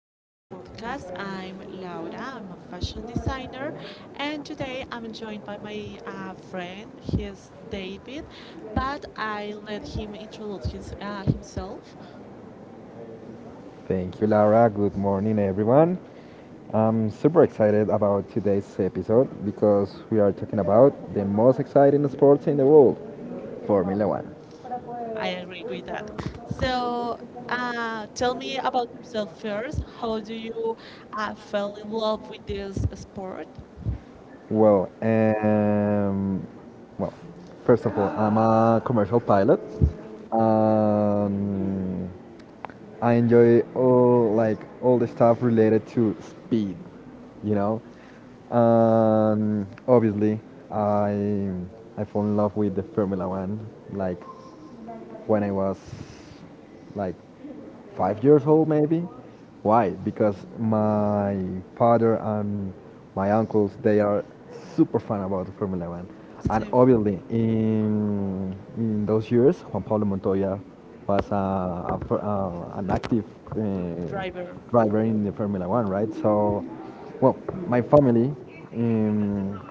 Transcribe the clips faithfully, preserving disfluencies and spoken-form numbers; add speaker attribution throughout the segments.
Speaker 1: back to the podcast. I'm Laura, I'm a fashion designer, and today I'm joined by my uh, friend. He's David, but I let him introduce his, uh, himself.
Speaker 2: Thank you, Laura. Good morning, everyone. I'm super excited about today's episode because we are talking about the most exciting sports in the world, Formula One.
Speaker 1: I agree with that. So, uh, tell me about yourself first. How do you uh, fell in love with this sport?
Speaker 2: Well, um, well, First of all, I'm a commercial pilot. Um, I enjoy all like all the stuff related to speed, you know. Um, obviously, I I fall in love with the Formula One. Like when I was like five years old, maybe. Why? Because my father and my uncles they are super fan about Formula One, and
Speaker 1: Same from
Speaker 2: obviously in in those years Juan Pablo Montoya was a, a, fir- uh, an active uh,
Speaker 1: driver.
Speaker 2: driver in the Formula One, right? So, well, my family. Um,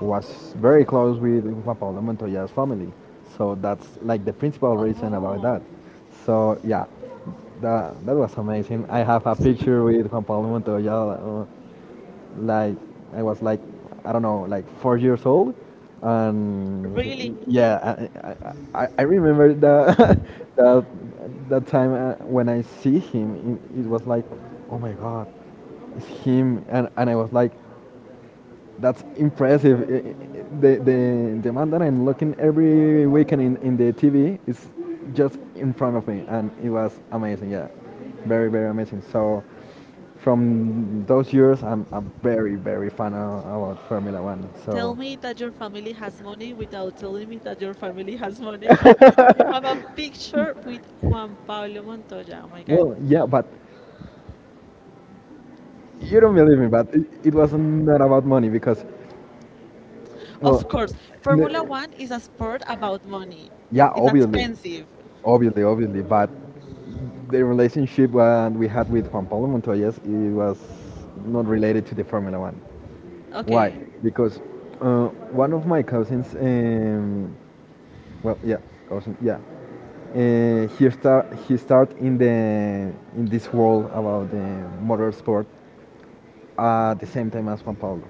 Speaker 2: was very close with Juan Pablo Montoya's family. So that's like the principal reason about
Speaker 1: Oh,
Speaker 2: that. So yeah, that, that was amazing. I have a picture with Juan Pablo Montoya. uh, Like I was like I don't know, like four years old, and
Speaker 1: really?
Speaker 2: he- yeah, I, I, I I remember that that that time uh, when I see him, it, it was like, oh my god, it's him, and and I was like that's impressive. I- I- The, the, the man that I'm looking every weekend in, in the T V is just in front of me, and it was amazing. Yeah, very, very amazing. So, from those years, I'm a very, very fan of, about Formula One.
Speaker 1: Tell
Speaker 2: So,
Speaker 1: me that your family has money without telling me that your family has money. You have a picture with Juan Pablo Montoya. Oh my God.
Speaker 2: well, yeah, but you don't believe me, but it, it was not about money because
Speaker 1: Of
Speaker 2: well,
Speaker 1: course, Formula
Speaker 2: n-
Speaker 1: One is a sport about money.
Speaker 2: yeah,
Speaker 1: It's
Speaker 2: obviously,
Speaker 1: expensive.
Speaker 2: obviously, obviously, but the relationship uh, we had with Juan Pablo Montoya, it was not related to the Formula One. Why?
Speaker 1: Okay,
Speaker 2: Because uh, one of my cousins, um, well, yeah, cousin, yeah, uh, he start he start in the in this world about the motorsport at the same time as Juan Pablo.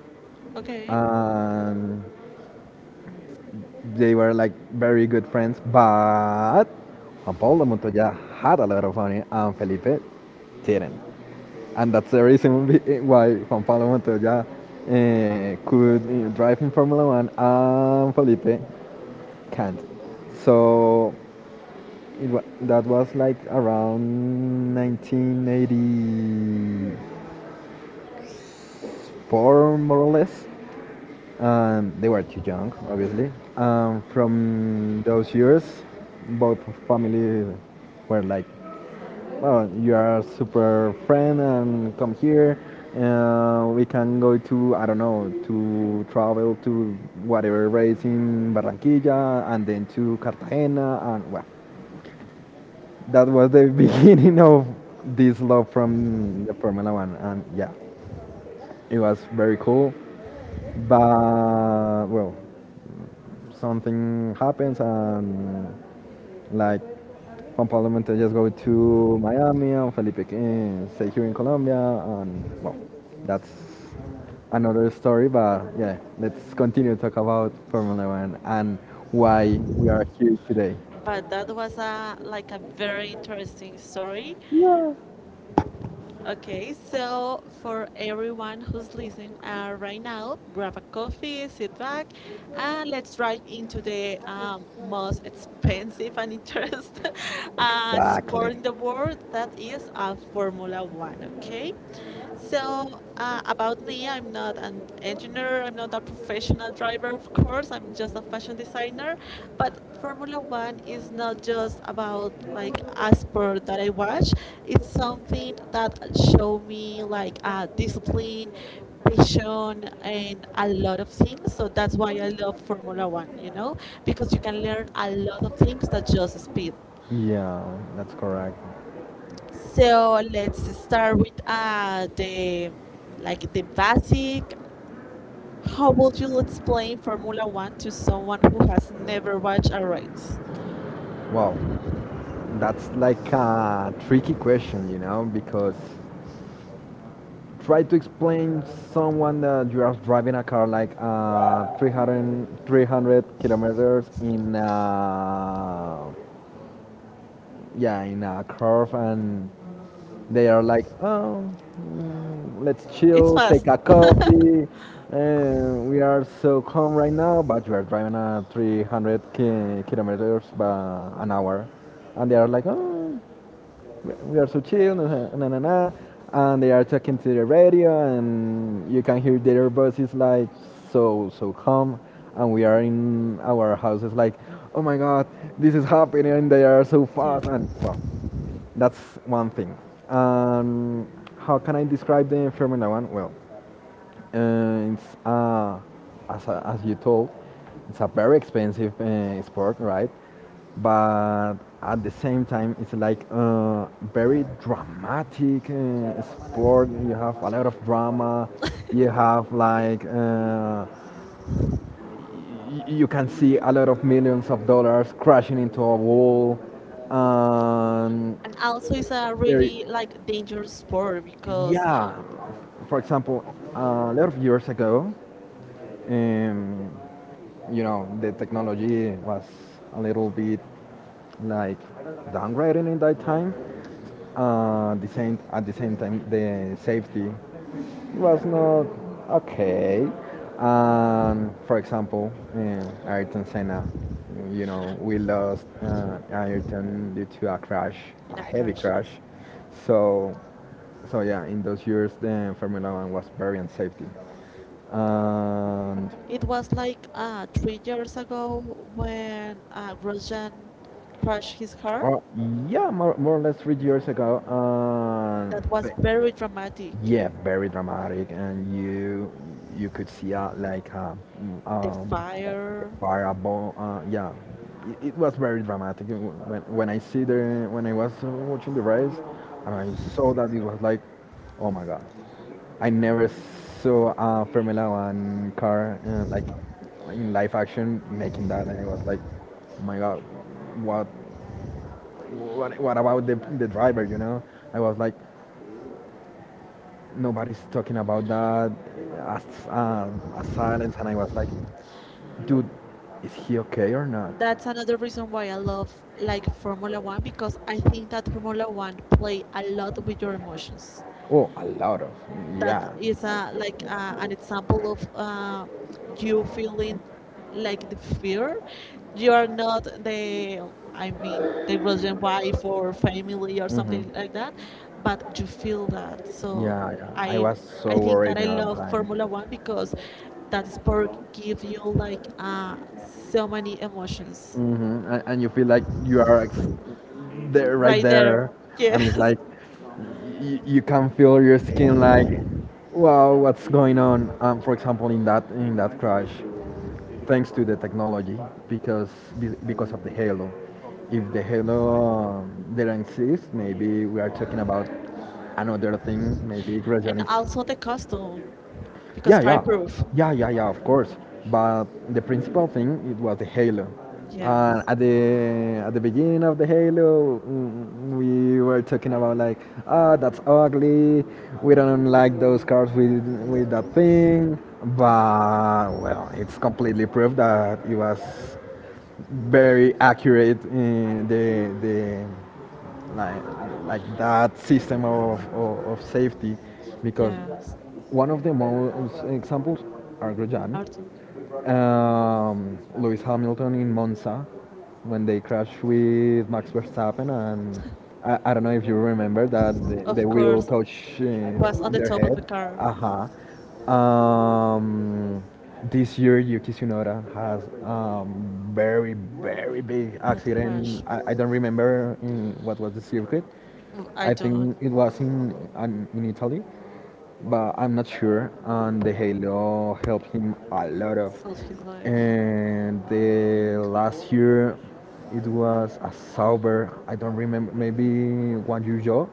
Speaker 1: okay.
Speaker 2: And they were like very good friends, but Juan Pablo Montoya had a lot of money and Felipe didn't. And that's the reason be- why Juan Pablo Montoya eh, could eh, drive in Formula One and Felipe can't. So it wa- that was like around nineteen eighty-four, more or less. Um, they were too young, obviously. Um, from those years, both family were like, "Well, you are a super friend, and come here. Uh, we can go to I don't know to travel to whatever race in Barranquilla, and then to Cartagena," and well, that was the beginning of this love from the Formula One, and yeah, it was very cool. But well, something happens and like Juan Pablo Montes just go to Miami and Felipe can stay here in Colombia and well, that's another story. But yeah, let's continue to talk about Formula One and why we are here today.
Speaker 1: But that was a like a very interesting story.
Speaker 2: Yeah.
Speaker 1: Okay, so for everyone who's listening uh, right now, grab a coffee, sit back, and let's dive into the um, most expensive and interesting uh, sport in the world that is uh, Formula One. Okay, so, uh, about me, I'm not an engineer, I'm not a professional driver, of course, I'm just a fashion designer. But Formula One is not just about like a sport that I watch, it's something that show me like uh, discipline, passion, and a lot of things. So that's why I love Formula One, you know, because you can learn a lot of things that just speed.
Speaker 2: Yeah, that's correct.
Speaker 1: So let's start with uh, the like the basic. How would you explain Formula One to someone who has never watched a race?
Speaker 2: Well, that's like a tricky question, you know, because try to explain someone that you are driving a car like uh, three hundred, kilometers in uh, yeah in a curve and they are like, oh, mm, let's
Speaker 1: It's
Speaker 2: chill,
Speaker 1: fast.
Speaker 2: take a coffee. And we are so calm right now, but you are driving at three hundred ki- kilometers by an hour. And they are like, oh, we we are so chill, na na na, na," and they are talking to the radio, and you can hear their voices like so, so calm. And we are in our houses like, oh my god, this is happening. They are so
Speaker 1: Yeah.
Speaker 2: fast. And well, that's one thing. Um, how can I describe the Formula one? Well, uh, it's uh, as, uh, as you told, it's a very expensive uh, sport, right? But at the same time, it's like a very dramatic uh, sport. You have a lot of drama. You have like uh, You can see a lot of millions of dollars crashing into a wall and
Speaker 1: And also it's a
Speaker 2: there
Speaker 1: really like dangerous sport because
Speaker 2: yeah for example a lot of years ago, um, you know the technology was a little bit like downgraded in that time. Uh, the same, at the same time the safety was not okay. And for example, uh, Ayrton Senna, you know, we lost uh, Ayrton due to a crash,
Speaker 1: in
Speaker 2: a
Speaker 1: a
Speaker 2: heavy
Speaker 1: crash, yeah.
Speaker 2: crash. So, so yeah, in those years, the Formula One was very unsafety. And
Speaker 1: It was like uh three years ago when uh Grosjean crashed his car.
Speaker 2: oh, yeah, more, more or less three years ago. Um,
Speaker 1: That was very dramatic.
Speaker 2: yeah, very dramatic, and you you could see a, like a, mm, The
Speaker 1: The
Speaker 2: um, fire. The
Speaker 1: fire.
Speaker 2: fire above. Uh, yeah, it, it was very dramatic. It wa- When when I see the when I was uh, watching the race, and I saw that it was like, oh my god, I never saw a Formula One car uh, like in live action making that, and it was like, oh my god, what what what about the the driver? You know, I was like, nobody's talking about that. As, uh, a silence, and I was like, dude, is he okay or not?
Speaker 1: That's another reason why I love like Formula One because I think that Formula One play a lot with your emotions.
Speaker 2: Oh, a lot of
Speaker 1: That is a like uh, an example of uh, you feeling like the fear. You are not the, I mean, the Russian wife or family or
Speaker 2: hmm.
Speaker 1: something like that, but you feel that. So i i think that I love Formula One because that sport gives you like uh, so many emotions
Speaker 2: Hmm. And, and you feel like you are ex- there,
Speaker 1: right there, yes.
Speaker 2: like y- you can feel your skin like, wow, what's going on? Um, for example, in that in that crash, thanks to the technology, because be- because of the halo. If the halo um, didn't exist, maybe we are talking about another thing. Maybe Grosjean
Speaker 1: And
Speaker 2: is
Speaker 1: also the costume because
Speaker 2: yeah, yeah,
Speaker 1: fireproof,
Speaker 2: yeah, yeah, yeah. Of course, but the principal thing it was the Halo. And
Speaker 1: yes,
Speaker 2: at the at the beginning of the Halo, mm, we were talking about like, ah, that's ugly. We don't like those cars with with that thing. But well, it's completely proved that it was very accurate in the the like, like that system of, of, of safety, because
Speaker 1: yes.
Speaker 2: one of the most examples are Grosjean,
Speaker 1: Art.
Speaker 2: um, Lewis Hamilton in Monza, when they crashed with Max Verstappen and I, I don't know if you remember that the, the
Speaker 1: Of
Speaker 2: wheel
Speaker 1: course,
Speaker 2: touched
Speaker 1: was
Speaker 2: uh,
Speaker 1: on the
Speaker 2: their
Speaker 1: top of the
Speaker 2: head.
Speaker 1: car,
Speaker 2: Uh-huh. Um, this year Yuki Tsunoda has um, very very big
Speaker 1: but crash.
Speaker 2: accident. I, I don't remember in what was the circuit.
Speaker 1: Well, I
Speaker 2: I
Speaker 1: don't
Speaker 2: think it was in an, in Italy but I'm not sure. And the Halo helped him a lot of.
Speaker 1: solve his life.
Speaker 2: And the last year, it was a Sauber. I don't remember. Maybe one Zhou,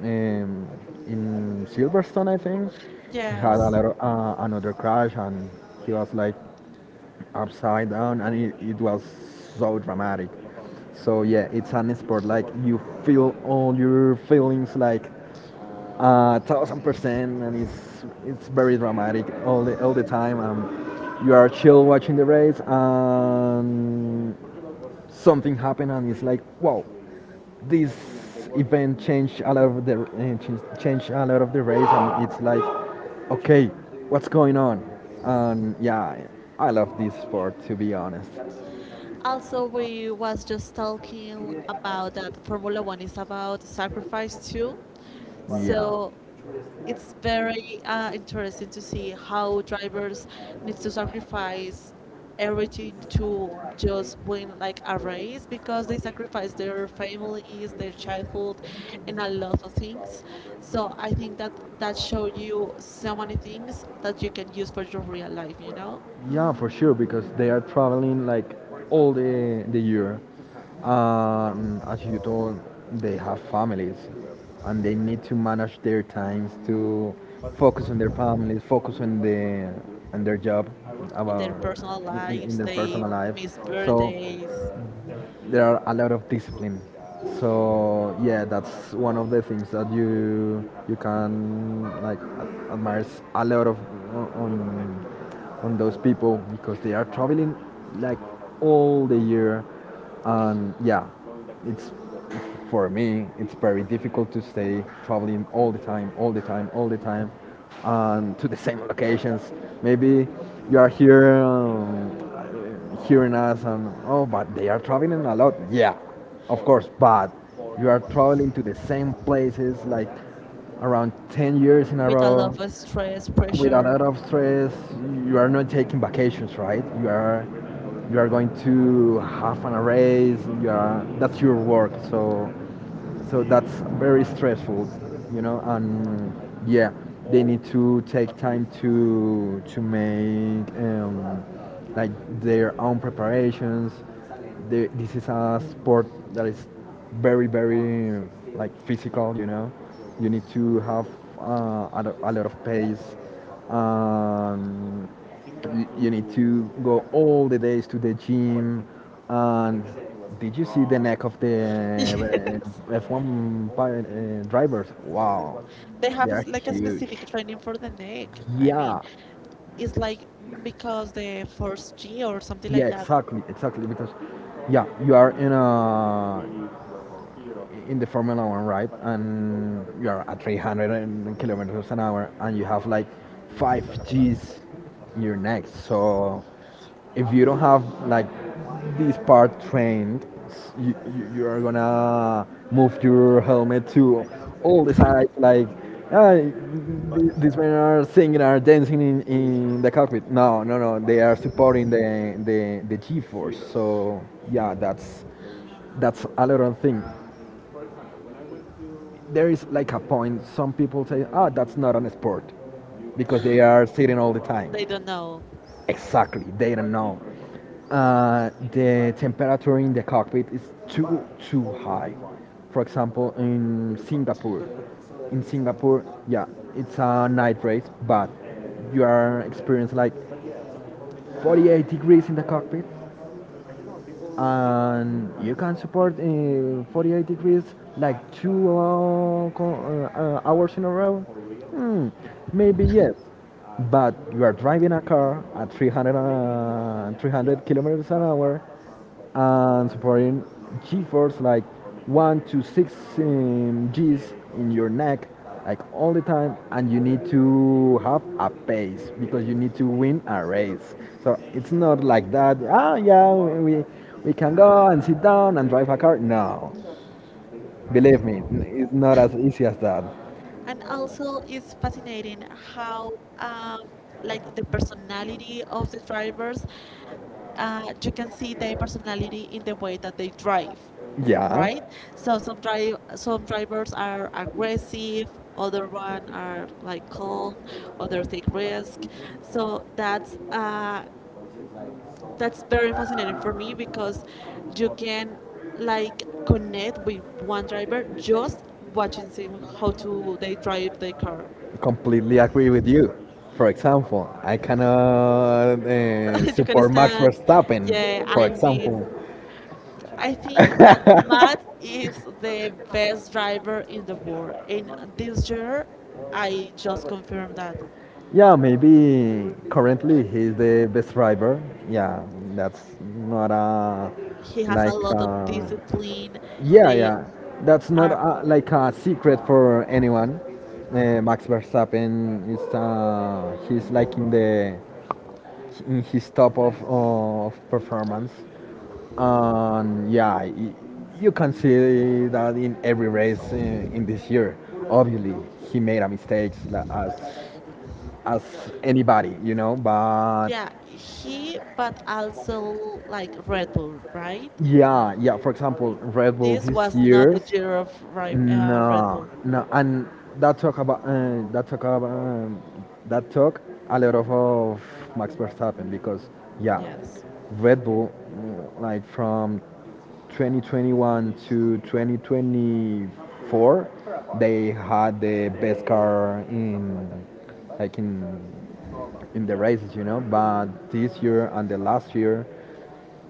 Speaker 2: um, in Silverstone, I think. He had a
Speaker 1: Yes.
Speaker 2: lot of, uh, another crash, and he was like upside down, and it, it was so dramatic. So yeah, it's an sport like you feel all your feelings like uh, thousand percent, and it's it's very dramatic all the all the time. Um, you are chill watching the race, and something happened, and it's like wow, this event changed a lot of the uh, changed changed a lot of the race, and it's like okay, what's going on? And yeah, I love this sport to be honest.
Speaker 1: Also, we was just talking about that Formula One is about sacrifice too.
Speaker 2: Yeah,
Speaker 1: So it's very uh, interesting to see how drivers need to sacrifice everything to just win like a race because they sacrifice their families, their childhood, and a lot of things. So I think that that show you so many things that you can use for your real life. You know,
Speaker 2: Yeah, for sure, because they are traveling like all the the year. Um, as you told, they have families, and they need to manage their times to focus on their families, focus on the on their job,
Speaker 1: in
Speaker 2: about
Speaker 1: their personal
Speaker 2: in, in in
Speaker 1: lives,
Speaker 2: their
Speaker 1: they
Speaker 2: personal life.
Speaker 1: miss
Speaker 2: So
Speaker 1: birthdays
Speaker 2: there are a lot of discipline. So yeah, that's one of the things that you you can like ad- admire s- a lot of o- on on those people because they are traveling like all the year, and yeah, it's for me it's very difficult to stay traveling all the time, all the time, all the time, and to the same locations. Maybe you are here. Um, uh, hearing us and oh, but they are traveling a lot. Yeah, of course, but you are traveling to the same places like around ten years in a
Speaker 1: with a
Speaker 2: row
Speaker 1: lot of stress,
Speaker 2: with a
Speaker 1: pressure.
Speaker 2: lot of stress. You are not taking vacations, right? You are you are going to have an raise. You are that's your work. So so that's very stressful, you know. And yeah, they need to take time to to make um, like their own preparations. The, this is a sport that is very very like physical, you know. You need to have uh, a, lo- a lot of pace, and y- you need to go all the days to the gym. And did you see the neck of
Speaker 1: They
Speaker 2: the uh, F one pi- uh, drivers? Wow,
Speaker 1: have a
Speaker 2: are
Speaker 1: s like a
Speaker 2: huge.
Speaker 1: specific training for the neck. I mean,
Speaker 2: Yeah,
Speaker 1: it's like mm, because the force G or something
Speaker 2: yeah,
Speaker 1: like that,
Speaker 2: exactly, exactly. Because yeah, you are in a in the Formula One, right? And you are at three hundred and kilometers an hour, and you have like five G's in your neck. So if you don't have like this part trained, s- you, you, you are gonna move your helmet to all the sides. Like "Ah, th- these men are singing, are dancing in, in the cockpit." No, no, no. They are supporting the the the G-force. So yeah, that's that's a little thing. There is like a point. Some people say, ah, that's not an sport because they are sitting all the time.
Speaker 1: they don't know.
Speaker 2: Exactly, they don't know. Uh, the temperature in the cockpit is too too high. For example, in Singapore, in Singapore, yeah, it's a night race, but you are experiencing like forty-eight degrees in the cockpit, and you can support uh, forty-eight degrees like two uh, co- uh, uh, hours in a row. Hmm, maybe yes, but you are driving a car at three hundred, uh, three hundred kilometers an hour and supporting G force like one to six um, G's in your neck like all the time, and you need to have a pace because you need to win a race. So it's not like that, ah, yeah, we we can go and sit down and drive a car. No, believe me, n- it's not as easy as that.
Speaker 1: And also, it's fascinating how, um, like the personality of the drivers, uh, you can see their personality in the way that they drive,
Speaker 2: Yeah,
Speaker 1: right? So some drive, some drivers are aggressive, other one are like calm, others take risk. So that's uh, that's very fascinating for me because you can like connect with one driver just watching them how to they drive their car.
Speaker 2: completely agree with you. For example, I cannot uh,
Speaker 1: You can understand.
Speaker 2: Verstappen,
Speaker 1: Yeah, I mean, I think that Matt is the best driver in the world, and this year I just confirmed that
Speaker 2: yeah, maybe currently he's the best driver. Yeah, that's not a
Speaker 1: he
Speaker 2: He
Speaker 1: has a
Speaker 2: like
Speaker 1: lot of
Speaker 2: uh,
Speaker 1: discipline.
Speaker 2: yeah,
Speaker 1: They
Speaker 2: yeah. That's not
Speaker 1: are,
Speaker 2: a, like a secret for anyone. Uh, Max Verstappen is uh, he's like in the in his top of of performance. And yeah, y- you can see that in every race in, in this year. Obviously, he made a mistakes like, as as anybody, you know. But
Speaker 1: yeah, he, but also like Red Bull, right?
Speaker 2: yeah, yeah. For example, Red Bull
Speaker 1: This
Speaker 2: this
Speaker 1: was not
Speaker 2: year,
Speaker 1: the year of Ri- uh, Red
Speaker 2: no,
Speaker 1: Bull.
Speaker 2: no. And that talk about uh, that talk about um, that talk a lot of, of Max Verstappen because yeah,
Speaker 1: Yes,
Speaker 2: Red Bull mm, like from twenty twenty-one to twenty twenty-four they had the best car in like in in the races, you know, but this year and the last year,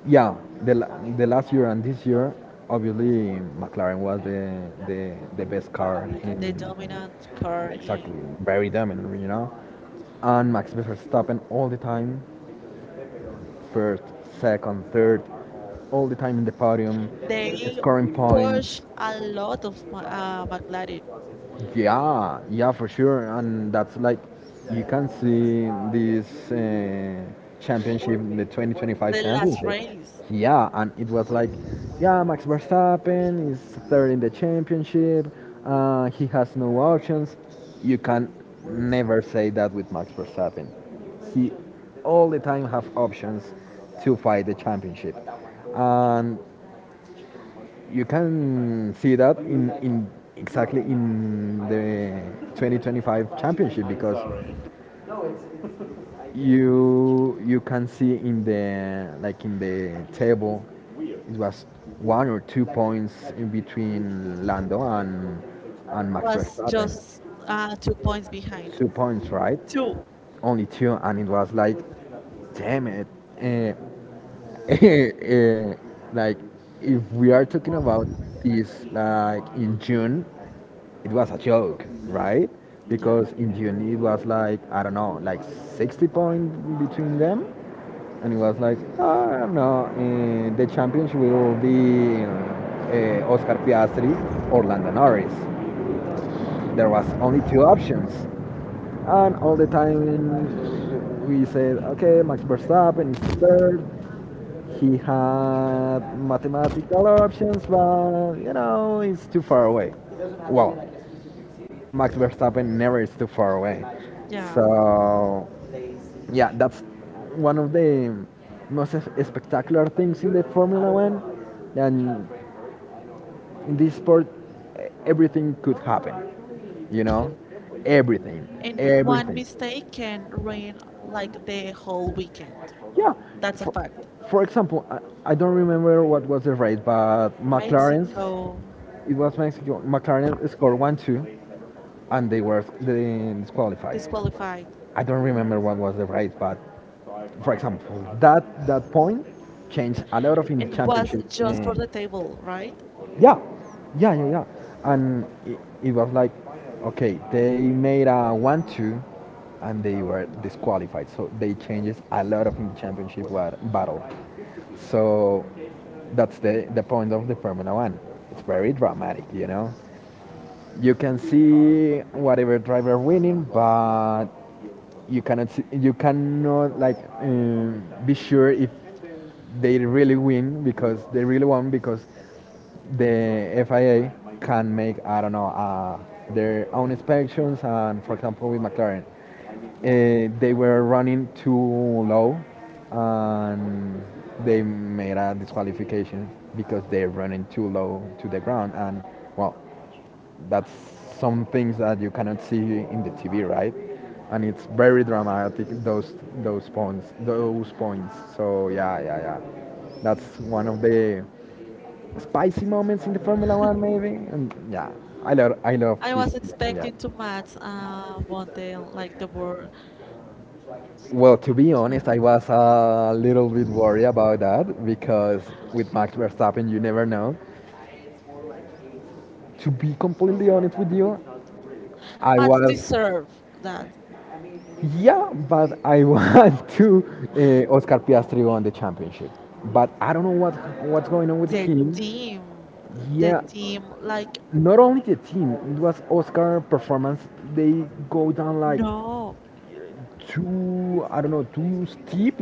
Speaker 2: yeah, the, la- the last year and this year obviously McLaren was the the, the best car
Speaker 1: like
Speaker 2: in
Speaker 1: the dominant car
Speaker 2: exactly
Speaker 1: in
Speaker 2: very dominant, you know. And Max Verstappen all the time first, second, third, all the time in the podium
Speaker 1: they
Speaker 2: scoring
Speaker 1: push
Speaker 2: points.
Speaker 1: a lot of Ma- uh, McLaren.
Speaker 2: Yeah, yeah, for sure. And that's like, you can see this uh, championship, the twenty twenty-five
Speaker 1: The last
Speaker 2: championship.
Speaker 1: race
Speaker 2: Yeah, and it was like, yeah, Max Verstappen is third in the championship. Uh, he has no options. You can never say that with Max Verstappen. He all the time have options to fight the championship. And you can see that in, in exactly in the twenty twenty-five championship because you you can see in the like in the table it was one or two points in between Lando and and Max
Speaker 1: was
Speaker 2: Verstappen.
Speaker 1: just
Speaker 2: two
Speaker 1: uh, two points behind.
Speaker 2: points right?
Speaker 1: Two.
Speaker 2: Only two, and it was like, damn it. Uh, eh, like if we are talking about this like in June, it was a joke, right?
Speaker 1: Yeah,
Speaker 2: Because in June it was like, I don't know, like sixty points between them, and it was like, "Ah, I don't know, uh, the championship will be uh, Oscar Piastri or Lando Norris. There was only two options, and all the time we said, okay, Max Verstappen is the third, he had mathematical options, but you know, it's too far away. Well, Max Verstappen never is too far away.
Speaker 1: yeah.
Speaker 2: So, yeah, that's one of the most es- spectacular things in the Formula One. And in this sport e- everything could happen, you know, everything,
Speaker 1: And one
Speaker 2: everything,
Speaker 1: mistake can ruin like the whole weekend.
Speaker 2: yeah.
Speaker 1: That's a
Speaker 2: for,
Speaker 1: fact.
Speaker 2: for example, I, I don't remember what was the race, but McLaren's
Speaker 1: Mexico
Speaker 2: it was Mexico. McLaren scored one two and they were they disqualified.
Speaker 1: disqualified
Speaker 2: I don't remember what was the race, but for example, that that point changed a lot of in the
Speaker 1: and was
Speaker 2: championship.
Speaker 1: just
Speaker 2: Uh,
Speaker 1: for the table, right?
Speaker 2: yeah, yeah, yeah, yeah. And it, it was like, okay, they made a one-two, and they were disqualified. So they changes a lot of in the championship wa- battle. So that's the the point of the Formula One. It's very dramatic, you know. You can see whatever driver winning, but you cannot see, you cannot like um, be sure if they really win because they really won because the F I A can make, I don't know, uh, their own inspections, and for example with McLaren, uh, they were running too low, and they made a disqualification because they're running too low to the ground. And well, that's some things that you cannot see in the T V, right? And it's very dramatic those those points, those points. So yeah, yeah, yeah. That's one of the spicy moments in the Formula One, maybe. And yeah, I love I love
Speaker 1: I
Speaker 2: this.
Speaker 1: was
Speaker 2: Yeah.
Speaker 1: expecting to match uh, one day like the world
Speaker 2: Well, to be honest, I
Speaker 1: champions.
Speaker 2: was a little bit worried about that because with Max Verstappen, you never know. To be completely honest with you, I
Speaker 1: Match
Speaker 2: was.
Speaker 1: deserve that
Speaker 2: Yeah, but I want to uh, Oscar Piastri won the championship, but I don't know what what's going on with
Speaker 1: the
Speaker 2: him.
Speaker 1: team, the
Speaker 2: Yeah,
Speaker 1: team like
Speaker 2: not only the team, it was Oscar performance. They go down like
Speaker 1: no,
Speaker 2: too, I don't know, too steep,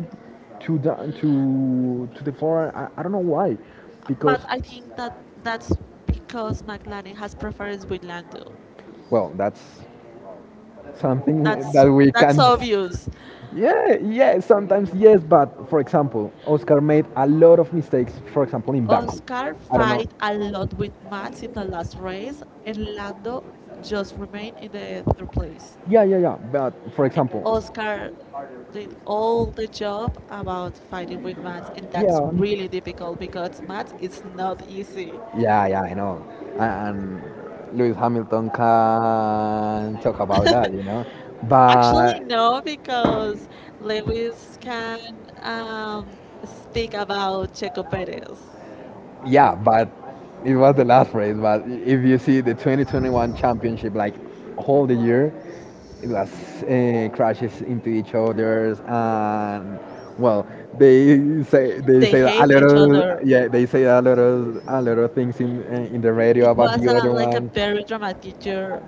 Speaker 2: to down to to the floor. I, I don't know why, because
Speaker 1: but I think that that's because McLaren has preference with Lando.
Speaker 2: well, that's something
Speaker 1: That's
Speaker 2: that we
Speaker 1: that's
Speaker 2: can
Speaker 1: obvious.
Speaker 2: Yeah, yeah, sometimes yes, but for example, Oscar made a lot of mistakes, for example, in Baku.
Speaker 1: Oscar
Speaker 2: I don't know.
Speaker 1: fight a lot with Max in the last race, and Lando just remained in the third place.
Speaker 2: Yeah, yeah, yeah. But for
Speaker 1: And
Speaker 2: example,
Speaker 1: Oscar did all the job about fighting with maths, and that's
Speaker 2: yeah,
Speaker 1: really difficult because maths is not easy.
Speaker 2: yeah, yeah, I know. A- And Lewis Hamilton can talk about that, you know. Actually,
Speaker 1: Actually, no,
Speaker 2: but
Speaker 1: because Lewis can um, speak about Checo Perez.
Speaker 2: yeah, but it was the last race. But if you see the twenty twenty-one championship, like whole the year, it was uh, crashes into each other's and. Well, they say they
Speaker 1: They
Speaker 2: say that a
Speaker 1: hate
Speaker 2: lot
Speaker 1: each other.
Speaker 2: of, yeah, they say a lot of a lot of things in uh, in the radio
Speaker 1: It
Speaker 2: about
Speaker 1: was
Speaker 2: the
Speaker 1: a,
Speaker 2: other
Speaker 1: like a
Speaker 2: one.
Speaker 1: very dramatic year.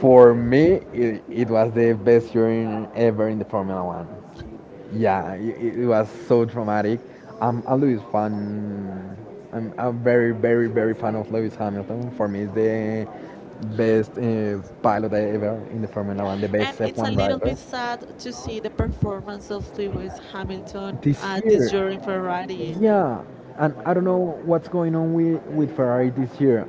Speaker 2: For me, it, it was the best year in- ever in the Formula One. Yeah, it, it was so traumatic. Um, I'm a Lewis fan. I'm a very, very, very fan of Lewis Hamilton. For me, he's the best uh, pilot ever in the Formula One, the
Speaker 1: And
Speaker 2: best
Speaker 1: it's a
Speaker 2: F one
Speaker 1: little bit
Speaker 2: driver.
Speaker 1: sad to see the performance of Lewis Hamilton
Speaker 2: This
Speaker 1: uh, this
Speaker 2: year,
Speaker 1: year in Ferrari,
Speaker 2: yeah, and I don't know what's going on with, with Ferrari this year.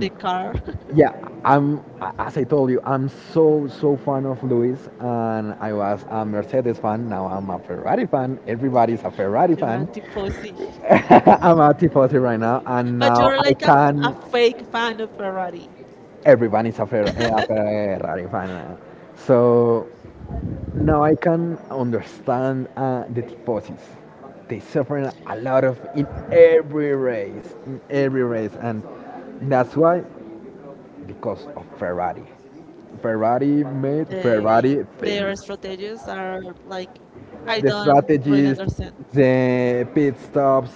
Speaker 1: the car.
Speaker 2: yeah, I'm as I told you, I'm so so fan of Lewis, and I was a Mercedes fan. Now I'm a Ferrari fan. Everybody's a Ferrari
Speaker 1: You are
Speaker 2: fan.
Speaker 1: tifosi.
Speaker 2: I'm a Tifosi right now, and
Speaker 1: But
Speaker 2: now
Speaker 1: you're
Speaker 2: I
Speaker 1: like a, f- a
Speaker 2: can.
Speaker 1: fake fan of Ferrari.
Speaker 2: Everyone is a, Fer- eh, a Ferrari fan. uh, So now I can understand uh, the Tifosis. They suffer a lot of in every race, in every race, and that's why because of Ferrari. Ferrari made
Speaker 1: They
Speaker 2: Ferrari
Speaker 1: their
Speaker 2: things.
Speaker 1: strategies are like I
Speaker 2: The
Speaker 1: don't really
Speaker 2: strategies,
Speaker 1: understand.
Speaker 2: the pit stops,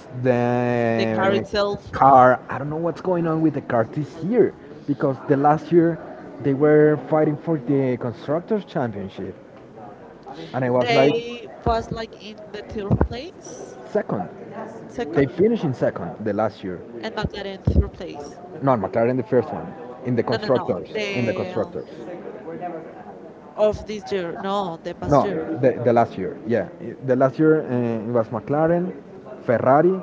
Speaker 1: The car
Speaker 2: the
Speaker 1: itself,
Speaker 2: car. I don't know what's going on with the car this year because the last year they were fighting for the constructors championship, and I was like
Speaker 1: they was like in the third place,
Speaker 2: second.
Speaker 1: second,
Speaker 2: They finished in second the last year.
Speaker 1: and McLaren third place.
Speaker 2: Not McLaren the first one in the
Speaker 1: No, no, no.
Speaker 2: constructors. In the
Speaker 1: The um,
Speaker 2: constructors.
Speaker 1: of this year, no, the past
Speaker 2: No,
Speaker 1: year,
Speaker 2: the, the last year, yeah. The last year uh, it was McLaren, Ferrari.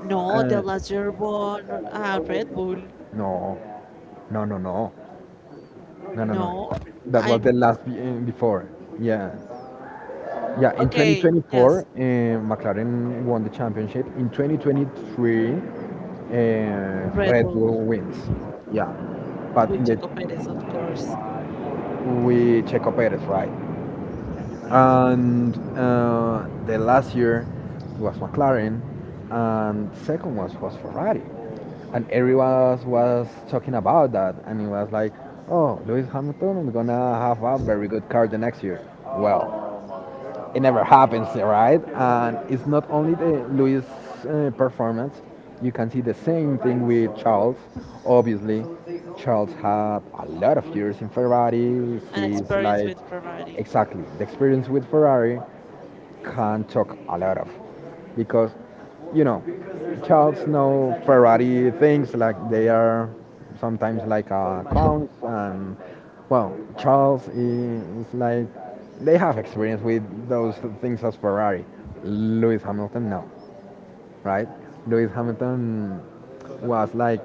Speaker 1: no, the
Speaker 2: Uh,
Speaker 1: last year won uh, Red Bull.
Speaker 2: no, no, no, no, no, no, no.
Speaker 1: No,
Speaker 2: That was
Speaker 1: I'm
Speaker 2: the last be- uh, before. Yeah, yeah. In
Speaker 1: okay.
Speaker 2: twenty twenty-four,
Speaker 1: Yes,
Speaker 2: uh, McLaren won the championship. In twenty twenty-three, uh,
Speaker 1: Red
Speaker 2: Red
Speaker 1: Bull
Speaker 2: Bull wins. Yeah, but
Speaker 1: with
Speaker 2: in the
Speaker 1: Checo Perez, of course.
Speaker 2: we Checo Perez, right? And uh, the last year was McLaren, and second was was Ferrari, and everyone was, was talking about that, and it was like, oh, Lewis Hamilton is gonna have a very good car the next year. Well, it never happens, right? And it's not only the Luis uh, performance. You can see the same thing with Charles. Obviously, Charles had a lot of years in Ferrari.
Speaker 1: And
Speaker 2: He's
Speaker 1: experience
Speaker 2: like
Speaker 1: with Ferrari.
Speaker 2: exactly the experience with Ferrari, can talk a lot of because you know Charles know Ferrari things like they are sometimes like uh, clowns. And well Charles is like they have experience with those things as Ferrari. Lewis Hamilton no, right? Lewis Hamilton was like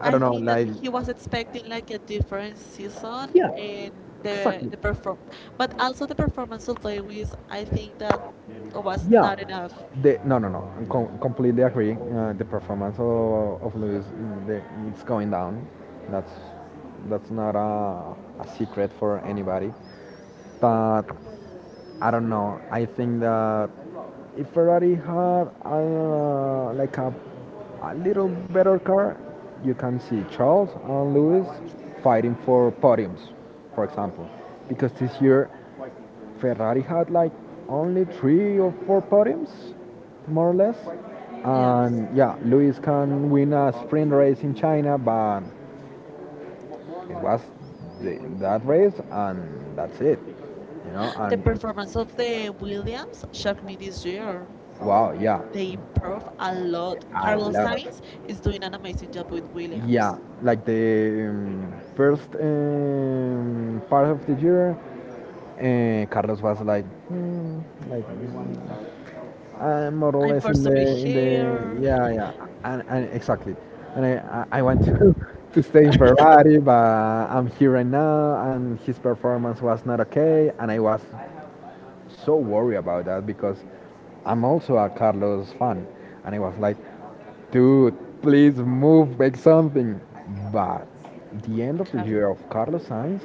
Speaker 2: I
Speaker 1: I
Speaker 2: don't know,
Speaker 1: think that
Speaker 2: like
Speaker 1: he was expecting like a different season
Speaker 2: yeah,
Speaker 1: in the
Speaker 2: exactly.
Speaker 1: the perform, but also the performance of Lewis. I think that was
Speaker 2: Yeah,
Speaker 1: not enough.
Speaker 2: the no no no, I com- completely agree. Uh, the performance of, of Luis, mm, the, it's going down. That's that's not a, a secret for anybody. But I don't know. I think that if Ferrari had uh, like a a little better car, you can see Charles and Lewis fighting for podiums, for example, because this year Ferrari had like only three or four podiums, more or less.
Speaker 1: Yes,
Speaker 2: And yeah, Lewis can win a sprint race in China, but it was the, that race, and that's it. You know,
Speaker 1: the
Speaker 2: and
Speaker 1: performance of the Williams shocked me this year.
Speaker 2: wow, yeah,
Speaker 1: They improved a lot.
Speaker 2: a
Speaker 1: Carlos
Speaker 2: lot of.
Speaker 1: Sainz is doing an amazing job with Williams.
Speaker 2: Yeah, like the um, first um, part of the year, uh, Carlos was like, hmm, like uh, more or
Speaker 1: I'm
Speaker 2: less in
Speaker 1: forced to be
Speaker 2: the in the,
Speaker 1: here.
Speaker 2: yeah, yeah, and, and exactly, and I, I I want to to stay in Ferrari, but I'm here right now, and his performance was not okay, and I was so worried about that because I'm also a Carlos fan, and it was like, dude, please move, make something. But the end of the
Speaker 1: Carlos.
Speaker 2: year of Carlos Sainz,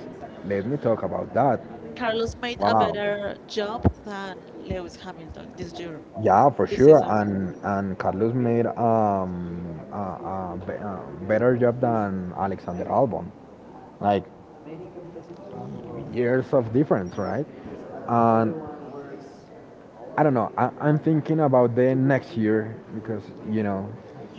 Speaker 2: let me talk about that.
Speaker 1: Carlos made a
Speaker 2: Wow.
Speaker 1: better job than Lewis Hamilton this year,
Speaker 2: Yeah, for
Speaker 1: this
Speaker 2: sure.
Speaker 1: season.
Speaker 2: And and Carlos made um a, a, be- a better job than Alexander Albon. Like years of difference, right? And I don't know. I, I'm thinking about the next year because you know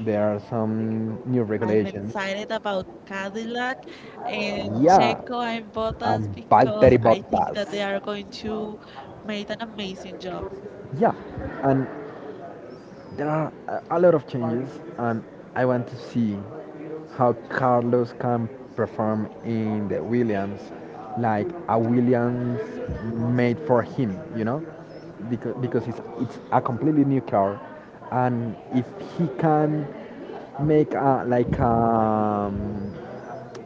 Speaker 2: there are some new I'm
Speaker 1: I'm
Speaker 2: regulations.
Speaker 1: excited about Cadillac and
Speaker 2: Yeah,
Speaker 1: Checo and Bottas
Speaker 2: time um,
Speaker 1: because I think
Speaker 2: Bottas.
Speaker 1: that they are going to make an amazing job.
Speaker 2: Yeah, and there are a a lot of changes, and I want to see how Carlos can perform in the Williams, like a Williams made for him, you know, because because it's it's a completely new car, and if he can make a like um,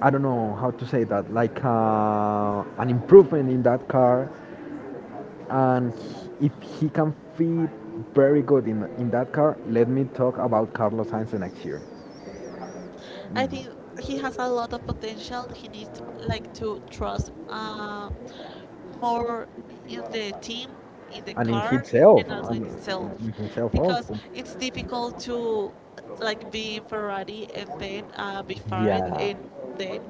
Speaker 2: I don't know how to say that, like uh, an improvement in that car, and if he can fit very good in, in that car, let me talk about Carlos Sainz next year.
Speaker 1: I think
Speaker 2: I
Speaker 1: he has a lot of potential. He needs like to trust uh, more in the team, in the car, and also in itself,
Speaker 2: in himself.
Speaker 1: because it's difficult to like be in Ferrari and then uh, be fired and then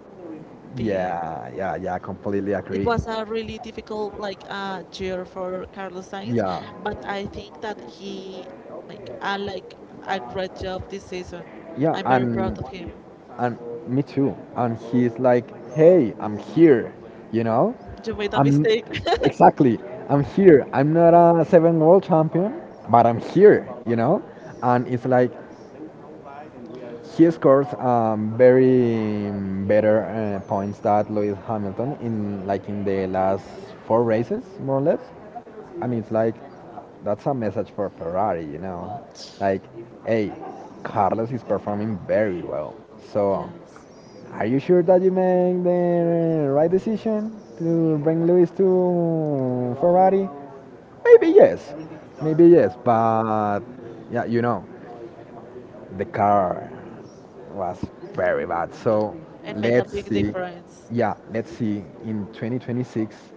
Speaker 1: be
Speaker 2: Yeah, yeah, yeah, I completely It
Speaker 1: it
Speaker 2: agree.
Speaker 1: was a really difficult like uh, year for Carlos Sainz,
Speaker 2: Yeah.
Speaker 1: but I think that he
Speaker 2: Or
Speaker 1: like uh, like a great job this season.
Speaker 2: yeah, she
Speaker 1: I'm very proud
Speaker 2: and
Speaker 1: of him.
Speaker 2: and me too. And he's like, "Hey, I'm here," you know.
Speaker 1: You made a
Speaker 2: I'm
Speaker 1: mistake.
Speaker 2: exactly. I'm here. I'm not a seven world champion, but I'm here, you know. And it's like he scores um, very um, better uh, points than Lewis Hamilton in like in the last four races, more or less. And it's like that's a message for Ferrari, you know, like, hey, Carlos is performing very well. So,
Speaker 1: Yes,
Speaker 2: are you sure that you make the right decision to bring Lewis to Ferrari? Maybe yes, maybe yes, but yeah, you know, the car was very bad.
Speaker 1: like,
Speaker 2: So
Speaker 1: and make a
Speaker 2: let's
Speaker 1: big
Speaker 2: see.
Speaker 1: difference.
Speaker 2: Yeah, let's see in twenty twenty-six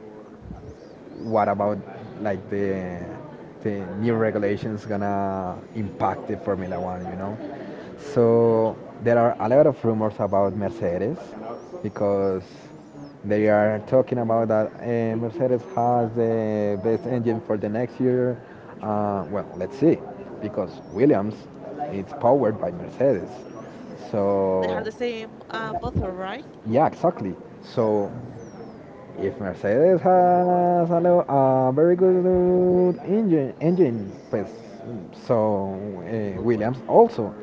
Speaker 2: what about like the the new regulations gonna impact the Formula One? You know, so there are a lot of rumors about Mercedes because they are talking about that uh, Mercedes has the best engine for the next year. Uh, well, let's see, because Williams is powered by Mercedes,
Speaker 1: They have
Speaker 2: so
Speaker 1: the same uh, motor, right?
Speaker 2: yeah, exactly. So if Mercedes has a, lo- a very good engine, engine, pues, so uh, Williams also,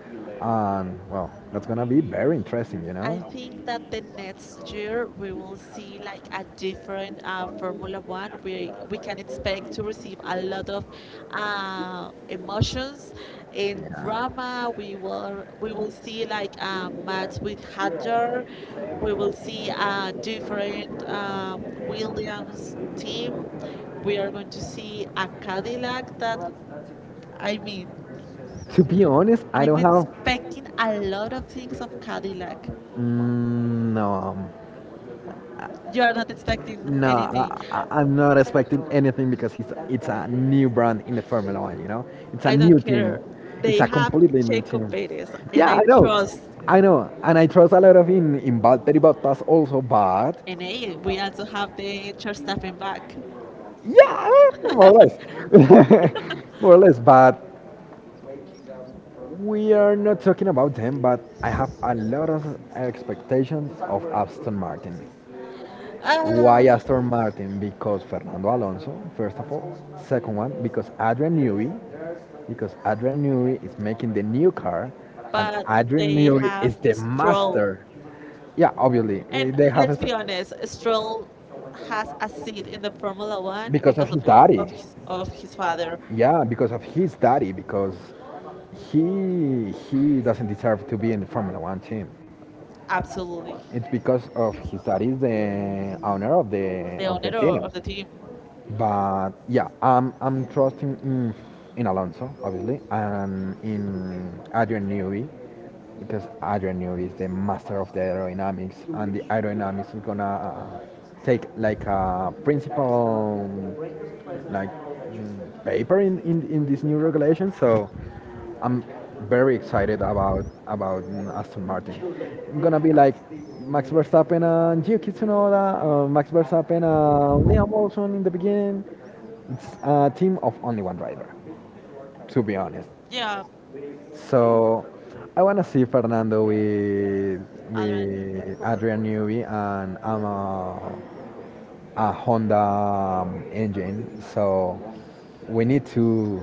Speaker 2: and well, that's gonna be very interesting, you
Speaker 1: I
Speaker 2: know.
Speaker 1: think that the next year we will see like a different uh, Formula One. We we can expect to receive a lot of uh, emotions and drama. We will we will see like a match with Hadjar. We will see a different uh, Williams team. We are going to see a Cadillac. That, I mean,
Speaker 2: To be honest, I
Speaker 1: I'm
Speaker 2: don't we have.
Speaker 1: expecting a lot of things of Cadillac.
Speaker 2: Mm, no.
Speaker 1: You're not expecting
Speaker 2: No,
Speaker 1: anything.
Speaker 2: I, I- I'm not expecting anything because it's it's a new brand in the Formula One. You know, it's a
Speaker 1: I don't
Speaker 2: new team.
Speaker 1: care.
Speaker 2: It's
Speaker 1: They
Speaker 2: a to
Speaker 1: have
Speaker 2: completely new
Speaker 1: Checo
Speaker 2: team.
Speaker 1: Perez, and
Speaker 2: Yeah,
Speaker 1: I
Speaker 2: I know,
Speaker 1: trust.
Speaker 2: I know, and I trust a lot of in in Valtteri Bottas also, but
Speaker 1: And eh, we also have the Verstappen back.
Speaker 2: yeah, more or less, more or less. But we are not talking about them. But I have a lot of expectations of Aston Martin.
Speaker 1: Ah,
Speaker 2: Why Aston Martin? Because Fernando Alonso, first of all. Second one, because Adrian Newey, because Adrian Newey is making the new car, and
Speaker 1: but
Speaker 2: Adrian
Speaker 1: they
Speaker 2: Newey
Speaker 1: have
Speaker 2: is the
Speaker 1: Stroll.
Speaker 2: master. Yeah, obviously eh,
Speaker 1: And
Speaker 2: they have a,
Speaker 1: let's be
Speaker 2: s-
Speaker 1: honest, Stroll has a seat in the Formula One
Speaker 2: because of
Speaker 1: because
Speaker 2: his
Speaker 1: of
Speaker 2: because daddy.
Speaker 1: of
Speaker 2: Because
Speaker 1: his, of his father.
Speaker 2: yeah, because of his daddy, because he he doesn't deserve to be in the Formula One team,
Speaker 1: Absolutely,
Speaker 2: it's because of his dad is the owner of the
Speaker 1: the
Speaker 2: of the
Speaker 1: owner
Speaker 2: team.
Speaker 1: of the team.
Speaker 2: But yeah, I'm I'm trusting in, in Alonso obviously and in Adrian Newey because Adrenaline is the master of the aerodynamics, and the aerodynamics is gonna uh, take like a principal um, like mm, paper in, in, in this new regulation. So I'm very excited about about mm, Aston Martin. I'm gonna be like Max Verstappen and Yuki Tsunoda, uh, Max Verstappen and Liam Lawson in the beginning. It's a team of only one driver, to be honest.
Speaker 1: Yeah,
Speaker 2: So I want to see Fernando with
Speaker 1: I don't know
Speaker 2: with Adrian Newey, and I'm a, a Honda um, engine, so we need to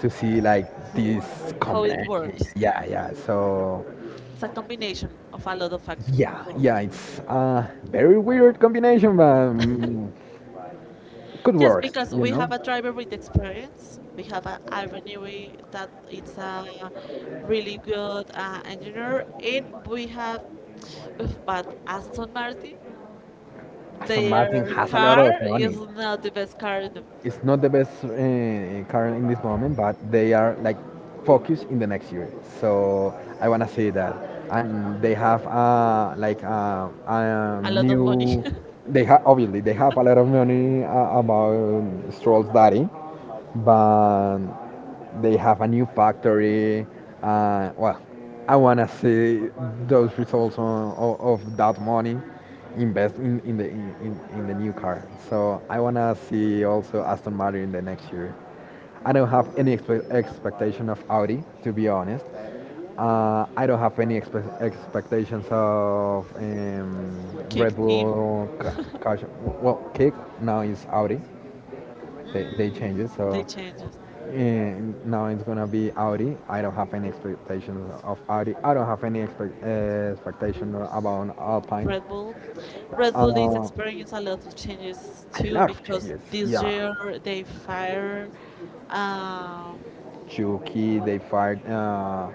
Speaker 2: to see like this
Speaker 1: how it
Speaker 2: combination.
Speaker 1: works.
Speaker 2: Yeah, yeah. So
Speaker 1: It's a combination of a lot of factors.
Speaker 2: yeah, yeah. It's a very weird combination, but um, could
Speaker 1: Yes,
Speaker 2: work,
Speaker 1: because
Speaker 2: you
Speaker 1: we
Speaker 2: know.
Speaker 1: have a driver with experience. We have a Ivaniri that it's a really good uh, engineer, and we have, but Aston Martin,
Speaker 2: Aston Martin
Speaker 1: their
Speaker 2: has a lot
Speaker 1: car
Speaker 2: of
Speaker 1: is
Speaker 2: money.
Speaker 1: not the best car in the,
Speaker 2: It's not the best uh, car in this moment, but they are like focused in the next year. So I wanna say that, and they have uh, like uh, a
Speaker 1: a lot of money.
Speaker 2: new. They have obviously they have a lot of money uh, about Stroll's daddy, but they have a new factory. Uh, well, I wanna see those results on, of, of that money invest in, in the in, in, in the new car. So I wanna see also Aston Martin in the next year. I don't have any expe- expectation of Audi, to be honest. Uh, I don't have any expe- expectations of um, Red
Speaker 1: Kick team,
Speaker 2: Bull. Ca- Caution- well, Kick now is Audi. They, they
Speaker 1: mm,
Speaker 2: change it,
Speaker 1: the
Speaker 2: so
Speaker 1: changes.
Speaker 2: and now it's gonna be Audi. I don't have any expectations of Audi. I don't have any expect, uh, expectation about Alpine.
Speaker 1: Red Bull, Red Bull is
Speaker 2: Uh,
Speaker 1: experiencing a lot of changes too because this
Speaker 2: Yeah,
Speaker 1: year
Speaker 2: they
Speaker 1: they
Speaker 2: fired
Speaker 1: fire. Um,
Speaker 2: uh,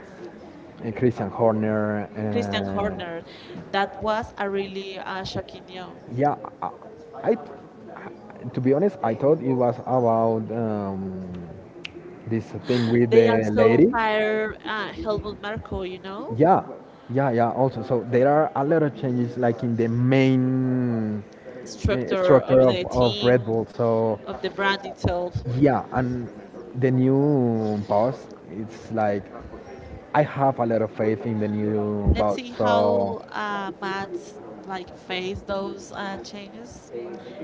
Speaker 2: and Christian Horner. Christian
Speaker 1: Christian
Speaker 2: Uh,
Speaker 1: Horner. That was a really uh, shocking news.
Speaker 2: yeah, I, I to be honest, I thought it was about um, this thing with
Speaker 1: They
Speaker 2: the
Speaker 1: also
Speaker 2: lady.
Speaker 1: fired uh, Helmut Marko, you know,
Speaker 2: Yeah, yeah, yeah. Also, so there are a lot of changes, like in the main uh,
Speaker 1: structure
Speaker 2: structure
Speaker 1: of
Speaker 2: of,
Speaker 1: the
Speaker 2: of Red
Speaker 1: team,
Speaker 2: Bull. So
Speaker 1: of the brand itself.
Speaker 2: yeah, and the new boss, it's like I have a lot of faith in the new
Speaker 1: Let's
Speaker 2: boss.
Speaker 1: see
Speaker 2: So
Speaker 1: how uh, Matt's like face those uh, changes,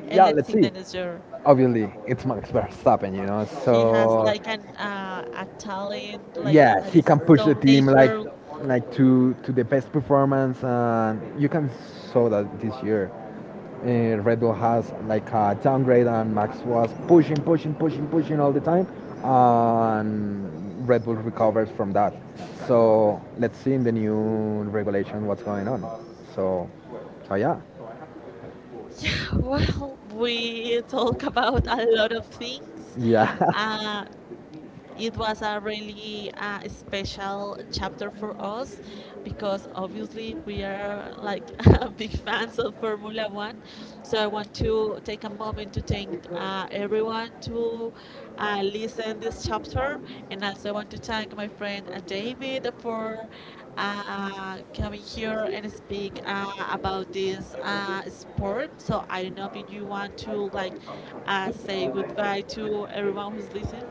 Speaker 1: and
Speaker 2: yeah,
Speaker 1: let's
Speaker 2: let's
Speaker 1: see
Speaker 2: see,
Speaker 1: the year.
Speaker 2: obviously it's Max Verstappen, you know.
Speaker 1: He has
Speaker 2: So
Speaker 1: like an uh, a talent like
Speaker 2: yeah,
Speaker 1: that
Speaker 2: he
Speaker 1: is
Speaker 2: can push the
Speaker 1: so
Speaker 2: team like
Speaker 1: natural.
Speaker 2: like to to the best performance, and you can saw that this year. Uh, Red Bull has like a downgrade, and Max was pushing, pushing, pushing, pushing all the time, and Red Bull recovers from that. So let's see in the new regulation what's going on. So, so yeah,
Speaker 1: Yeah, well, we talk about a lot of things.
Speaker 2: yeah.
Speaker 1: Uh, it was a really uh, special chapter for us because obviously we are like big fans of Formula One. So I want to take a moment to thank uh, everyone to uh, listen this chapter, and also I want to thank my friend uh, David for uh, coming here and speak uh, about this uh, sport. So I don't know if you want to like uh, say goodbye to everyone who's listening.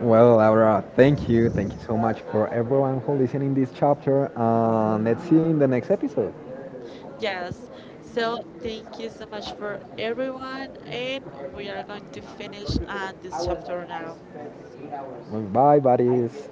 Speaker 2: Well, Laura, thank you. Thank you so much for everyone who listening this chapter. And let's see you in the next episode.
Speaker 1: Yes. So thank you so much for everyone, and we are going to finish uh, this chapter now.
Speaker 2: Bye, buddies.